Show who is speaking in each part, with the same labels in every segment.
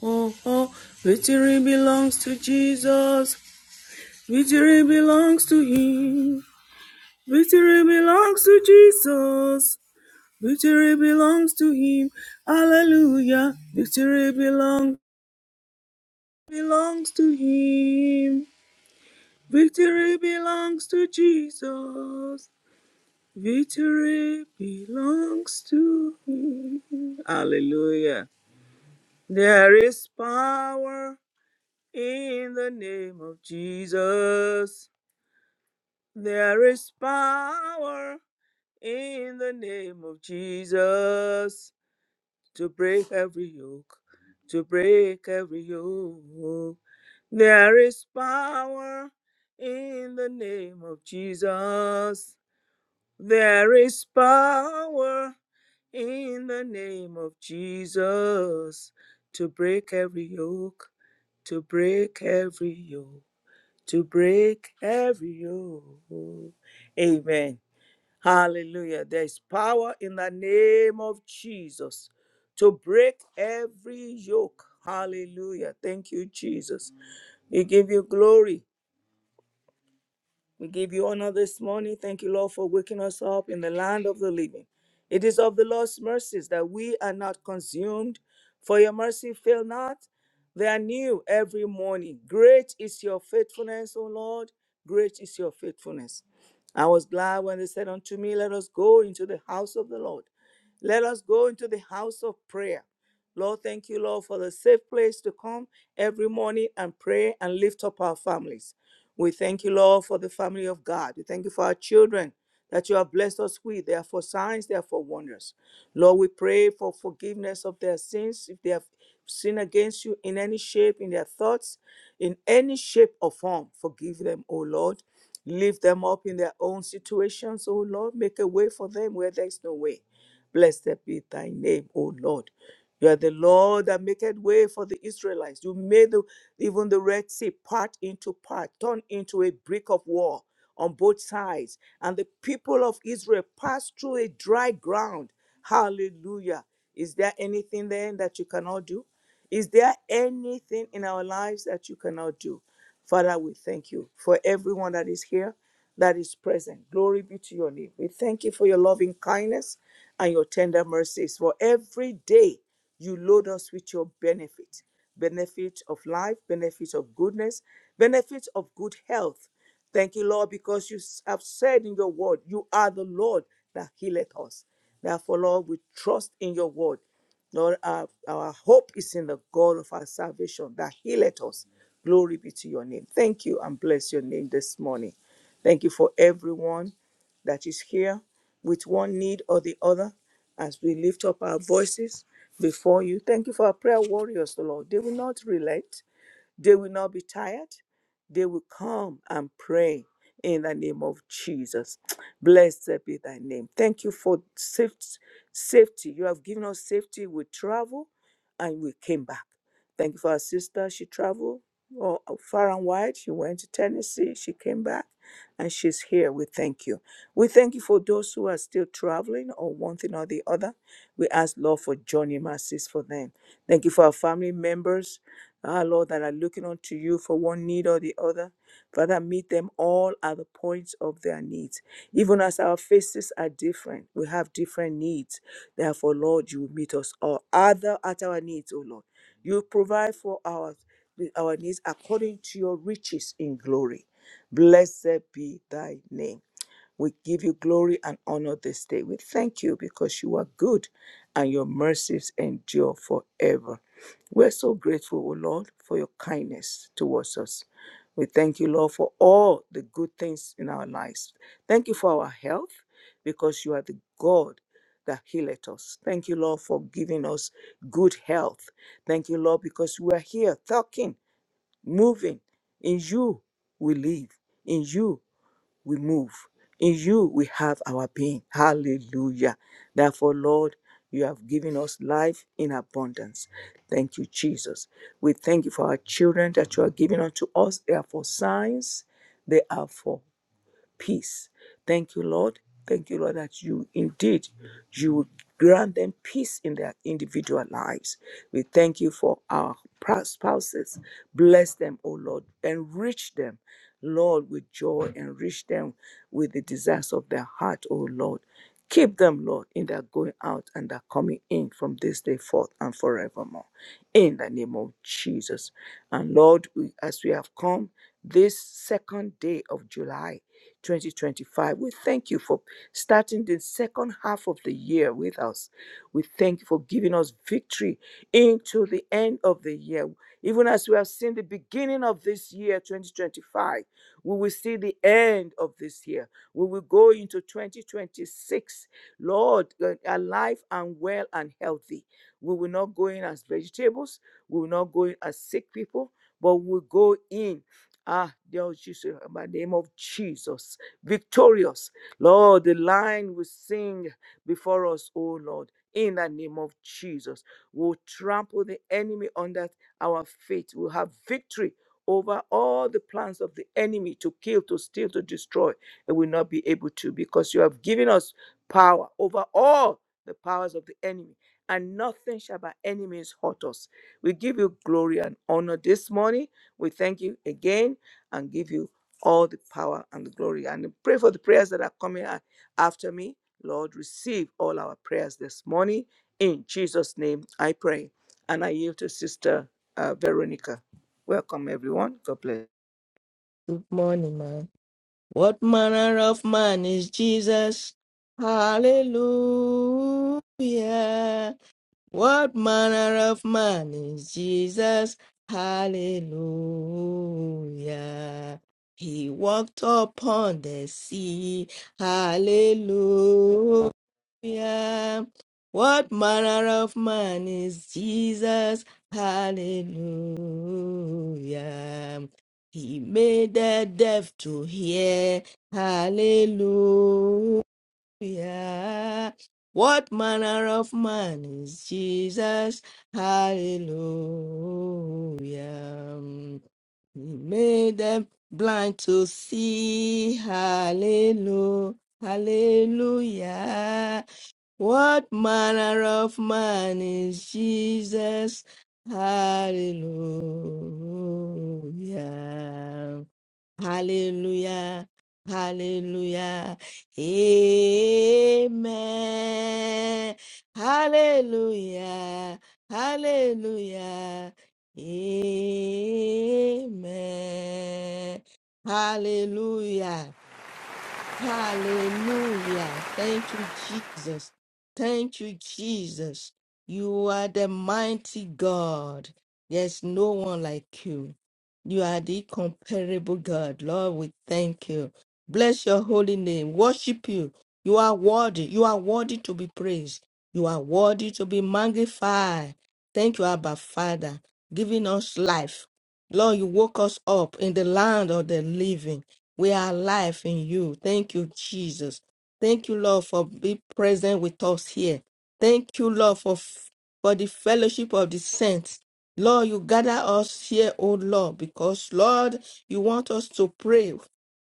Speaker 1: Oh, oh, victory belongs to Jesus. Victory belongs to Him. Victory belongs to Jesus. Victory belongs to Him. Hallelujah. Victory belongs belongs to Him. Victory belongs to Jesus. Victory belongs to Him. Hallelujah. There is power in the name of Jesus. There is power in the name of Jesus to break every yoke, to break every yoke. There is power in the name of Jesus. There is power in the name of Jesus to break every yoke, to break every yoke, to break every yoke. Amen. Hallelujah. There's power in the name of Jesus to break every yoke. Hallelujah. Thank you, Jesus. We give you glory. We give you honor this morning. Thank you, Lord, for waking us up in the land of the living. It is of the Lord's mercies that we are not consumed, for your mercy fail not. They are new every morning. Great is your faithfulness, O Lord. Great is your faithfulness. I was glad when they said unto me, Let us go into the house of the Lord. Let us go into the house of prayer. Lord, thank you, Lord, for the safe place to come every morning and pray and lift up our families. We thank you, Lord, for the family of God. We thank you for our children that you have blessed us with. They are for signs, they are for wonders. Lord, we pray for forgiveness of their sins if they have sinned against you in any shape, in their thoughts, in any shape or form. Forgive them, O Lord. Lift them up in their own situations, O Lord. Make a way for them where there is no way. Blessed be thy name, O Lord. You are the Lord that maketh way for the Israelites. You made the, even the Red Sea part into part, turned into a brick of war on both sides. And the people of Israel passed through a dry ground. Hallelujah. Is there anything then that you cannot do? Is there anything in our lives that you cannot do? Father, we thank you for everyone that is here, that is present. Glory be to your name. We thank you for your loving kindness and your tender mercies. For every day you load us with your benefit benefit of life, benefit of goodness, benefit of good health. Thank you, Lord, because you have said in your word, you are the Lord that healeth us. Therefore, Lord, we trust in your word. Lord, our, our hope is in the God of our salvation that healeth us. Glory be to your name. Thank you and bless your name this morning. Thank you for everyone that is here with one need or the other as we lift up our voices before you. Thank you for our prayer warriors, O Lord. They will not relent, they will not be tired, they will come and pray in the name of Jesus. Blessed be thy name. Thank you for safe- safety. You have given us safety. We travel and we came back. Thank you for our sister. She traveled well, far and wide. She went to Tennessee. She came back and she's here. We thank you. We thank you for those who are still traveling or one thing or the other. We ask, Lord, for journey mercies for them. Thank you for our family members, our Lord, that are looking unto you for one need or the other. Father, meet them all at the points of their needs. Even as our faces are different, we have different needs. Therefore, Lord, you will meet us all other at our needs, O Lord. You provide for our, our needs according to your riches in glory. Blessed be thy name. We give you glory and honor this day. We thank you because you are good and your mercies endure forever. We're so grateful, O Lord, for your kindness towards us. We thank you, Lord, for all the good things in our lives. Thank you for our health because you are the God that healeth us. Thank you, Lord, for giving us good health. Thank you, Lord, because we are here talking, moving. In you we live. In you we move. In you we have our being. Hallelujah. Therefore, Lord, you have given us life in abundance. Thank you, Jesus. We thank you for our children that you are giving unto us. They are for signs, they are for peace. Thank you, Lord. Thank you, Lord, that you indeed you will grant them peace in their individual lives. We thank you for our pra- spouses. Bless them, O Lord. Enrich them, Lord, with joy. Enrich them with the desires of their heart, O Lord. Keep them, Lord, in their going out and their coming in from this day forth and forevermore. In the name of Jesus. And Lord, we, as we have come this second day of July. 2025. We thank you for starting the second half of the year with us. We thank you for giving us victory into the end of the year. Even as we have seen the beginning of this year, 2025, we will see the end of this year. We will go into 2026, Lord, uh, alive and well and healthy. We will not go in as vegetables, we will not go in as sick people, but we will go in. Ah, Lord Jesus, in the name of Jesus, victorious. Lord, the line will sing before us, O Lord, in the name of Jesus. We'll trample the enemy under our feet. We'll have victory over all the plans of the enemy to kill, to steal, to destroy, and will not be able to because you have given us power over all the powers of the enemy, and nothing shall by enemies hurt us. We give you glory and honor this morning. We thank you again and give you all the power and the glory. And pray for the prayers that are coming a- after me. Lord, receive all our prayers this morning. In Jesus' name, I pray. And I yield to Sister uh, Veronica. Welcome, everyone. God bless.
Speaker 2: Good morning, man. What manner of man is Jesus? Hallelujah. What manner of man is Jesus? Hallelujah. He walked upon the sea. Hallelujah. What manner of man is Jesus? Hallelujah. He made the deaf to hear. Hallelujah. What manner of man is Jesus? Hallelujah. He made them blind to see. Hallelujah. Hallelujah. What manner of man is Jesus? Hallelujah. Hallelujah. Hallelujah. Amen. Hallelujah. Hallelujah. Amen. Hallelujah. Hallelujah. Thank you, Jesus. Thank you, Jesus. You are the mighty God. There's no one like you. You are the incomparable God. Lord, we thank you. Bless your holy name. Worship you. You are worthy. You are worthy to be praised. You are worthy to be magnified. Thank you, Abba Father, giving us life. Lord, you woke us up in the land of the living. We are alive in you. Thank you, Jesus. Thank you, Lord, for being present with us here. Thank you, Lord, for, for the fellowship of the saints. Lord, you gather us here, oh Lord, because, Lord, you want us to pray,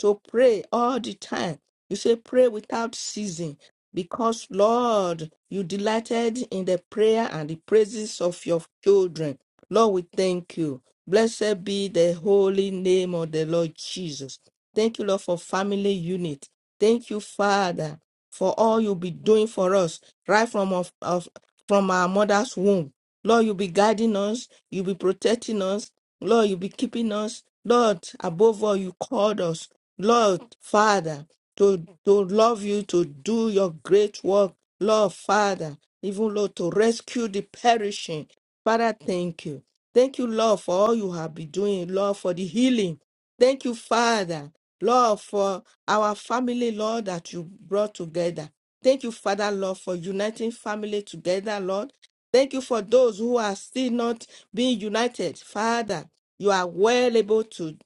Speaker 2: to pray all the time. You say, pray without ceasing, because, Lord, you delighted in the prayer and the praises of your children. Lord, we thank you. Blessed be the holy name of the Lord Jesus. Thank you, Lord, for family unit. Thank you, Father, for all you'll be doing for us right from of, of from our mother's womb. Lord, you'll be guiding us, you'll be protecting us, Lord, you'll be keeping us. Lord, above all, you called us, Lord, Father, to, to love you, to do your great work, Lord, Father, even Lord, to rescue the perishing. Father, thank you. Thank you, Lord, for all you have been doing, Lord, for the healing. Thank you, Father, Lord, for our family, Lord, that you brought together. Thank you, Father, Lord, for uniting family together, Lord. Thank you for those who are still not being united. Father, you are well able to,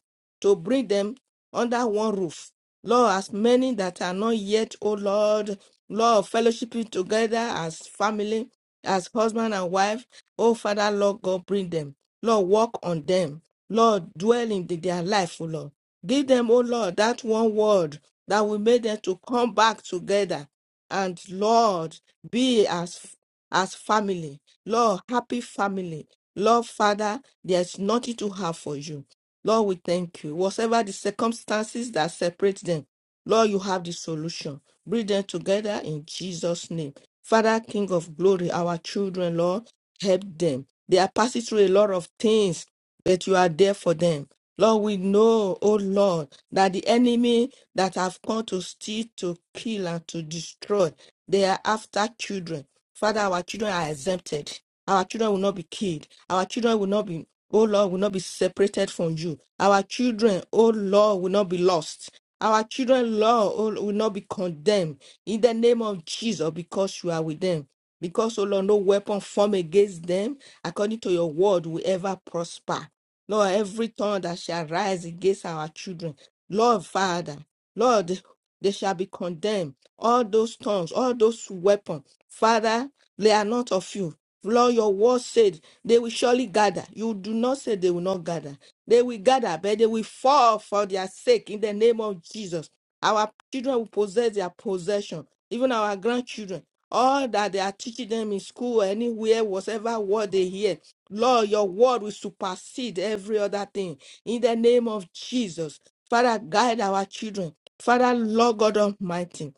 Speaker 2: to bring them under one roof. Lord, as many that are not yet, oh Lord, Lord, fellowshipping together as family, as husband and wife. Oh, Father, Lord God, bring them. Lord, walk on them. Lord, dwell in the- their life, oh Lord. Give them, oh Lord, that one word that will make them to come back together. And Lord, be as as family. Lord, happy family. Lord, Father, there's nothing to have for you. Lord, we thank you. Whatever the circumstances that separate them, Lord, you have the solution. Bring them together in Jesus' name. Father, King of glory, our children, Lord help them. They are passing through a lot of things, but you are there for them. Lord, we know, oh Lord, that the enemy that have come to steal, to kill, and to destroy, they are after children. Father, our children are exempted. Our children will not be killed. Our children will not be, oh Lord, will not be separated from you. Our children, oh Lord, will not be lost. Our children, Lord, oh, will not be condemned in the name of Jesus because you are with them. Because, O Lord, no weapon formed against them, according to your word, will ever prosper. Lord, every tongue that shall rise against our children, Lord Father, Lord, they they shall be condemned. All those tongues, all those weapons, Father, they are not of you. Lord, your word said they will surely gather. You do not say they will not gather. They will gather, but they will fall for their sake in the name of Jesus. Our children will possess their possession, even our grandchildren. All that they are teaching them in school, anywhere, whatever word they hear, Lord, your word will supersede every other thing. In the name of Jesus, Father, guide our children. Father, Lord God Almighty.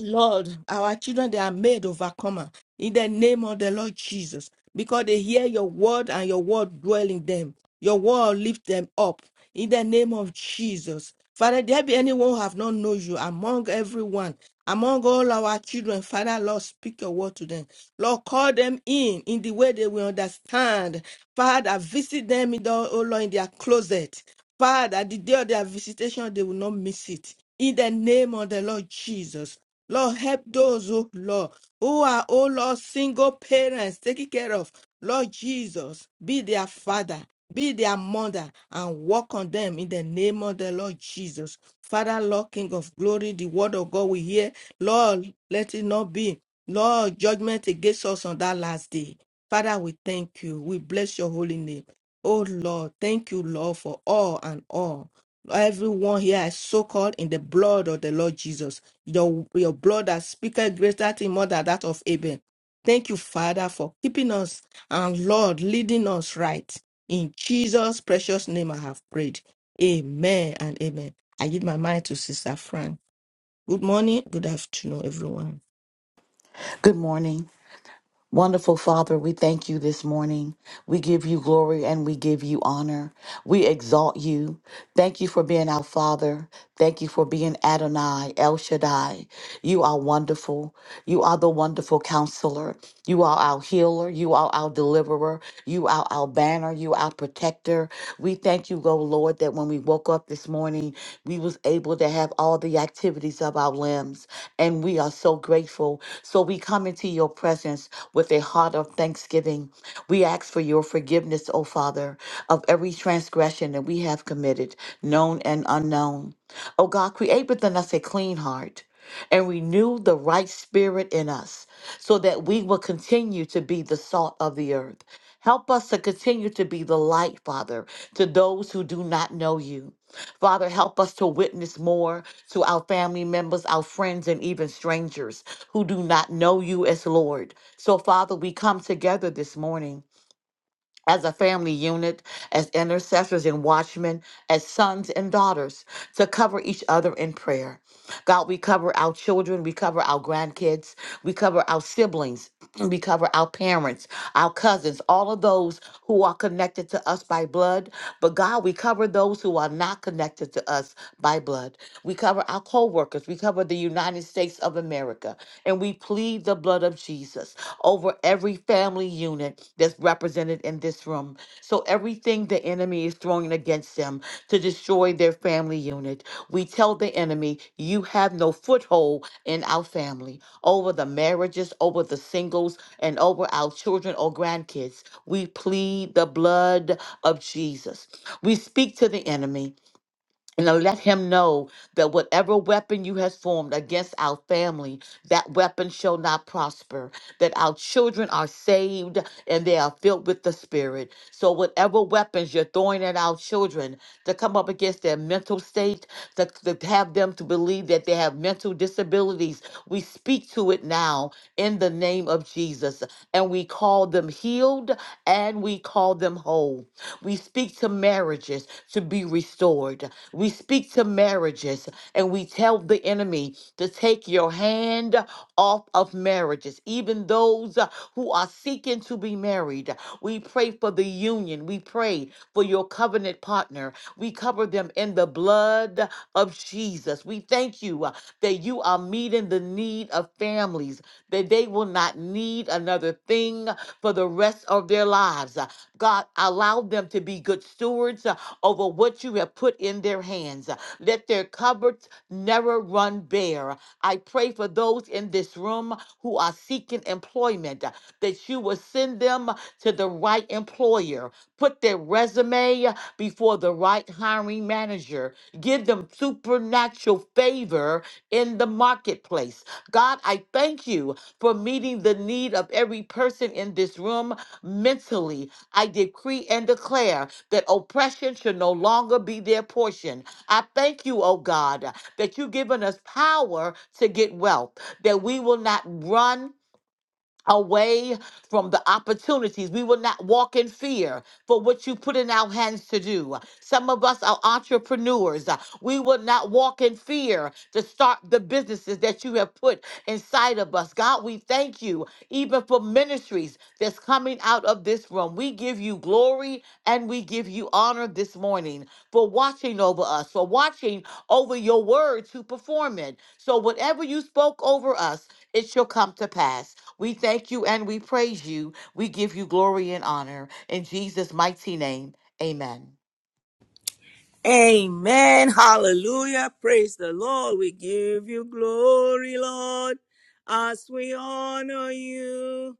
Speaker 2: Lord, our children, they are made overcomer in the name of the Lord Jesus because they hear your word and your word dwell in them. Your word lift them up in the name of Jesus. Father, there be anyone who have not known you among everyone, among all our children. Father, Lord, speak your word to them. Lord, call them in in the way they will understand. Father, visit them in the, oh Lord, in their closet. Father, the day of their visitation, they will not miss it. In the name of the Lord Jesus. Lord, help those, oh Lord, who are, oh Lord, single parents taking care of. Lord Jesus, be their father, be their mother, and walk on them in the name of the Lord Jesus. Father, Lord, King of glory, the word of God we hear. Lord, let it not be. Lord, judgment against us on that last day. Father, we thank you. We bless your holy name. Oh Lord, thank you, Lord, for all and all. Everyone here is so called in the blood of the Lord Jesus. Your, your blood that speaketh greater thing more than that of Abel. Thank you, Father, for keeping us and Lord leading us right. In Jesus' precious name I have prayed. Amen and amen. I give my mind to Sister Fran. Good morning, good afternoon, everyone.
Speaker 3: Good morning. Wonderful Father, we thank you this morning. We give you glory and we give you honor. We exalt you. Thank you for being our Father. Thank you for being Adonai, El Shaddai. You are wonderful. You are the wonderful counselor. You are our healer. You are our deliverer. You are our banner. You are our protector. We thank you, oh Lord, that when we woke up this morning, we was able to have all the activities of our limbs. And we are so grateful. So we come into your presence with a heart of thanksgiving. We ask for your forgiveness, O Father, of every transgression that we have committed, known and unknown. O God, create within us a clean heart and renew the right spirit in us so that we will continue to be the salt of the earth. Help us to continue to be the light, Father, to those who do not know you. Father, help us to witness more to our family members, our friends, and even strangers who do not know you as Lord. So, Father, we come together this morning as a family unit, as intercessors and watchmen, as sons and daughters, to cover each other in prayer. God, we cover our children, we cover our grandkids, we cover our siblings, we cover our parents, our cousins, all of those who are connected to us by blood. But God, we cover those who are not connected to us by blood. We cover our co workers, we cover the United States of America, and we plead the blood of Jesus over every family unit that's represented in this room. So everything the enemy is throwing against them to destroy their family unit, we tell the enemy, you have no foothold in our family, over the marriages, over the singles, and over our children or grandkids. We plead the blood of Jesus. We speak to the enemy and now let him know that whatever weapon you has formed against our family, that weapon shall not prosper. That our children are saved and they are filled with the Spirit. So whatever weapons you're throwing at our children to come up against their mental state, to, to have them to believe that they have mental disabilities, we speak to it now in the name of Jesus. And we call them healed and we call them whole. We speak to marriages to be restored. We speak to marriages and we tell the enemy to take your hand off of marriages, even those uh, who are seeking to be married. We pray for the union. We pray for your covenant partner. We cover them in the blood of Jesus. We thank you uh, that you are meeting the need of families, that they will not need another thing for the rest of their lives. Uh, God, allow them to be good stewards. uh, over what you have put in their hands. Let their cupboards never run bare. I pray for those in this room who are seeking employment that you will send them to the right employer. Put their resume before the right hiring manager. Give them supernatural favor in the marketplace. God, I thank you for meeting the need of every person in this room mentally. I decree and declare that oppression should no longer be their portion. I thank you, oh God, that you've given us power to get wealth, that we will not run away from the opportunities. We will not walk in fear for what you put in our hands to do. Some of us are entrepreneurs. Uh, We will not walk in fear to start the businesses that you have put inside of us. God, we thank you even for ministries that's coming out of this room. We give you glory and we give you honor this morning for watching over us, for watching over your word to perform it. So whatever you spoke over us, it shall come to pass. We thank you and we praise you. We give you glory and honor. In Jesus' mighty name, amen.
Speaker 1: Amen. Hallelujah. Praise the Lord. We give you glory, Lord, as we honor you.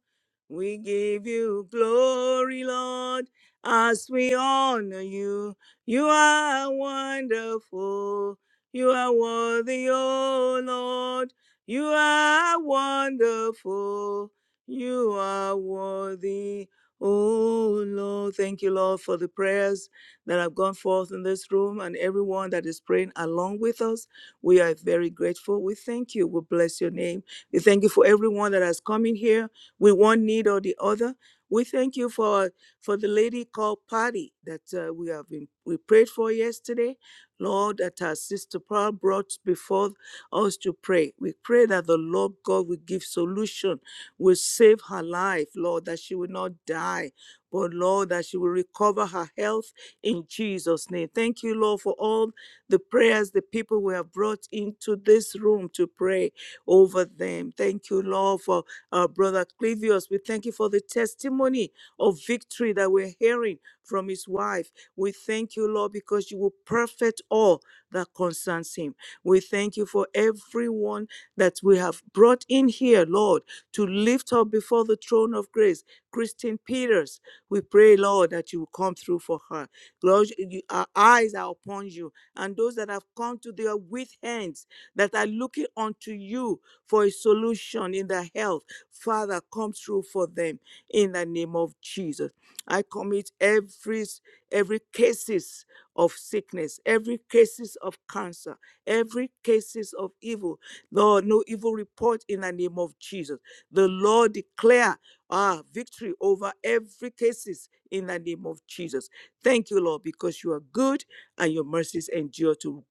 Speaker 1: We give you glory, Lord, as we honor you. You are wonderful. You are worthy, O Lord. You are wonderful. You are worthy, O Lord. Thank you, Lord, for the prayers that have gone forth in this room and everyone that is praying along with us. We are very grateful. We thank you. We bless your name. We thank you for everyone that has come in here with one need or the other. We thank you for for the lady called Patty that uh, we have been we prayed for yesterday, Lord, that our sister Paul brought before us to pray. We pray that the Lord God will give solution, will save her life, Lord, that she will not die, but Lord, that she will recover her health in Jesus' name. Thank you, Lord, for all the prayers the people we have brought into this room to pray over them. Thank you, Lord, for our brother Clivius. We thank you for the testimony of victory that we're hearing from his wife. We thank you, Lord, because you will perfect all that concerns him. We thank you for everyone that we have brought in here, Lord, to lift up before the throne of grace, Christine Peters. We pray, Lord, that you will come through for her. Lord, you- our eyes are upon you, and those that have come to their with hands that are looking unto you for a solution in their health, Father, come through for them in the name of Jesus. I commit every every cases of sickness, every cases of cancer, every cases of evil Lord, no evil report in the name of Jesus. The Lord declare ah, victory over every cases in the name of Jesus. Thank you, Lord, because you are good and your mercies endure to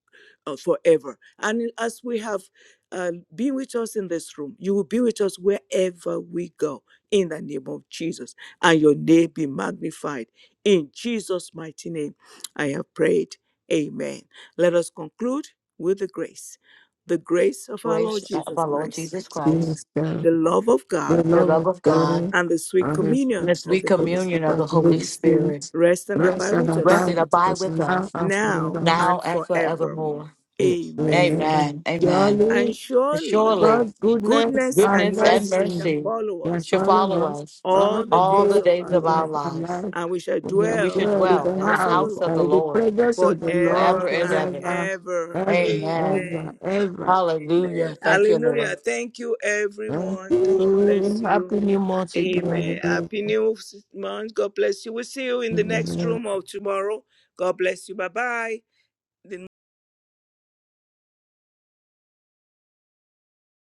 Speaker 1: uh, forever. And as we have uh, been with us in this room, you will be with us wherever we go in the name of Jesus. And your name be magnified. In Jesus' mighty name, I have prayed. Amen. Let us conclude with the grace the grace of our Lord
Speaker 3: Grace of
Speaker 1: Jesus
Speaker 3: our Lord
Speaker 1: Christ,
Speaker 3: Jesus Christ,
Speaker 2: Yes, sir.
Speaker 1: the love of God,
Speaker 2: the
Speaker 3: the
Speaker 2: love
Speaker 3: love
Speaker 2: of
Speaker 3: of God,
Speaker 2: God,
Speaker 1: and the sweet
Speaker 2: and the
Speaker 3: and
Speaker 2: fruit
Speaker 3: the
Speaker 1: communion of
Speaker 3: sweet
Speaker 1: the
Speaker 2: of the
Speaker 1: Holy
Speaker 2: Spirit
Speaker 3: communion of the
Speaker 2: of the
Speaker 3: Holy
Speaker 2: Holy
Speaker 1: Spirit
Speaker 3: Spirit,
Speaker 2: Spirit,
Speaker 1: rest and
Speaker 2: rest
Speaker 1: abide
Speaker 2: and
Speaker 1: with
Speaker 3: rest
Speaker 1: us
Speaker 2: abide
Speaker 3: and
Speaker 2: with
Speaker 3: abide
Speaker 2: us
Speaker 3: with
Speaker 2: now
Speaker 3: us
Speaker 2: and
Speaker 1: now
Speaker 2: forevermore.
Speaker 3: now
Speaker 1: and
Speaker 3: and
Speaker 1: forevermore.
Speaker 3: forevermore.
Speaker 1: Amen.
Speaker 2: Amen.
Speaker 3: Amen. Amen.
Speaker 1: And
Speaker 2: Surely
Speaker 3: And
Speaker 1: surely
Speaker 3: surely
Speaker 2: God's goodness
Speaker 1: goodness
Speaker 2: and
Speaker 1: and
Speaker 3: goodness and
Speaker 1: mercy
Speaker 2: mercy
Speaker 1: shall
Speaker 3: mercy
Speaker 1: follow
Speaker 2: shall
Speaker 1: us
Speaker 3: shall
Speaker 2: follow
Speaker 3: follow
Speaker 2: us
Speaker 3: us
Speaker 2: all
Speaker 1: all the
Speaker 3: all the
Speaker 1: days
Speaker 2: the
Speaker 1: of
Speaker 3: days
Speaker 1: our
Speaker 3: of
Speaker 2: days of
Speaker 3: our
Speaker 1: life,
Speaker 2: our
Speaker 3: lives,
Speaker 2: life.
Speaker 1: and we shall
Speaker 2: We are
Speaker 3: and we should
Speaker 1: dwell
Speaker 2: dwell
Speaker 1: in
Speaker 2: in
Speaker 1: the
Speaker 3: dwell
Speaker 2: the
Speaker 3: in the
Speaker 1: house of the
Speaker 2: house
Speaker 3: house of
Speaker 1: Lord
Speaker 3: the
Speaker 2: by the
Speaker 3: Lord
Speaker 2: presence of the Lord
Speaker 3: forever
Speaker 1: forever
Speaker 3: and
Speaker 1: and
Speaker 3: ever.
Speaker 2: forever,
Speaker 1: ever.
Speaker 2: ever,
Speaker 3: Amen.
Speaker 2: ever,
Speaker 1: Amen.
Speaker 2: ever.
Speaker 1: Amen.
Speaker 3: Hallelujah. Thank you, Lord.
Speaker 1: Hallelujah. Thank you, everyone. God bless you.
Speaker 2: Happy New Month
Speaker 1: Amen.
Speaker 2: again.
Speaker 1: Happy New Month. God bless you. We'll see you in the next
Speaker 2: Amen.
Speaker 1: room of tomorrow. God bless you. Bye bye. The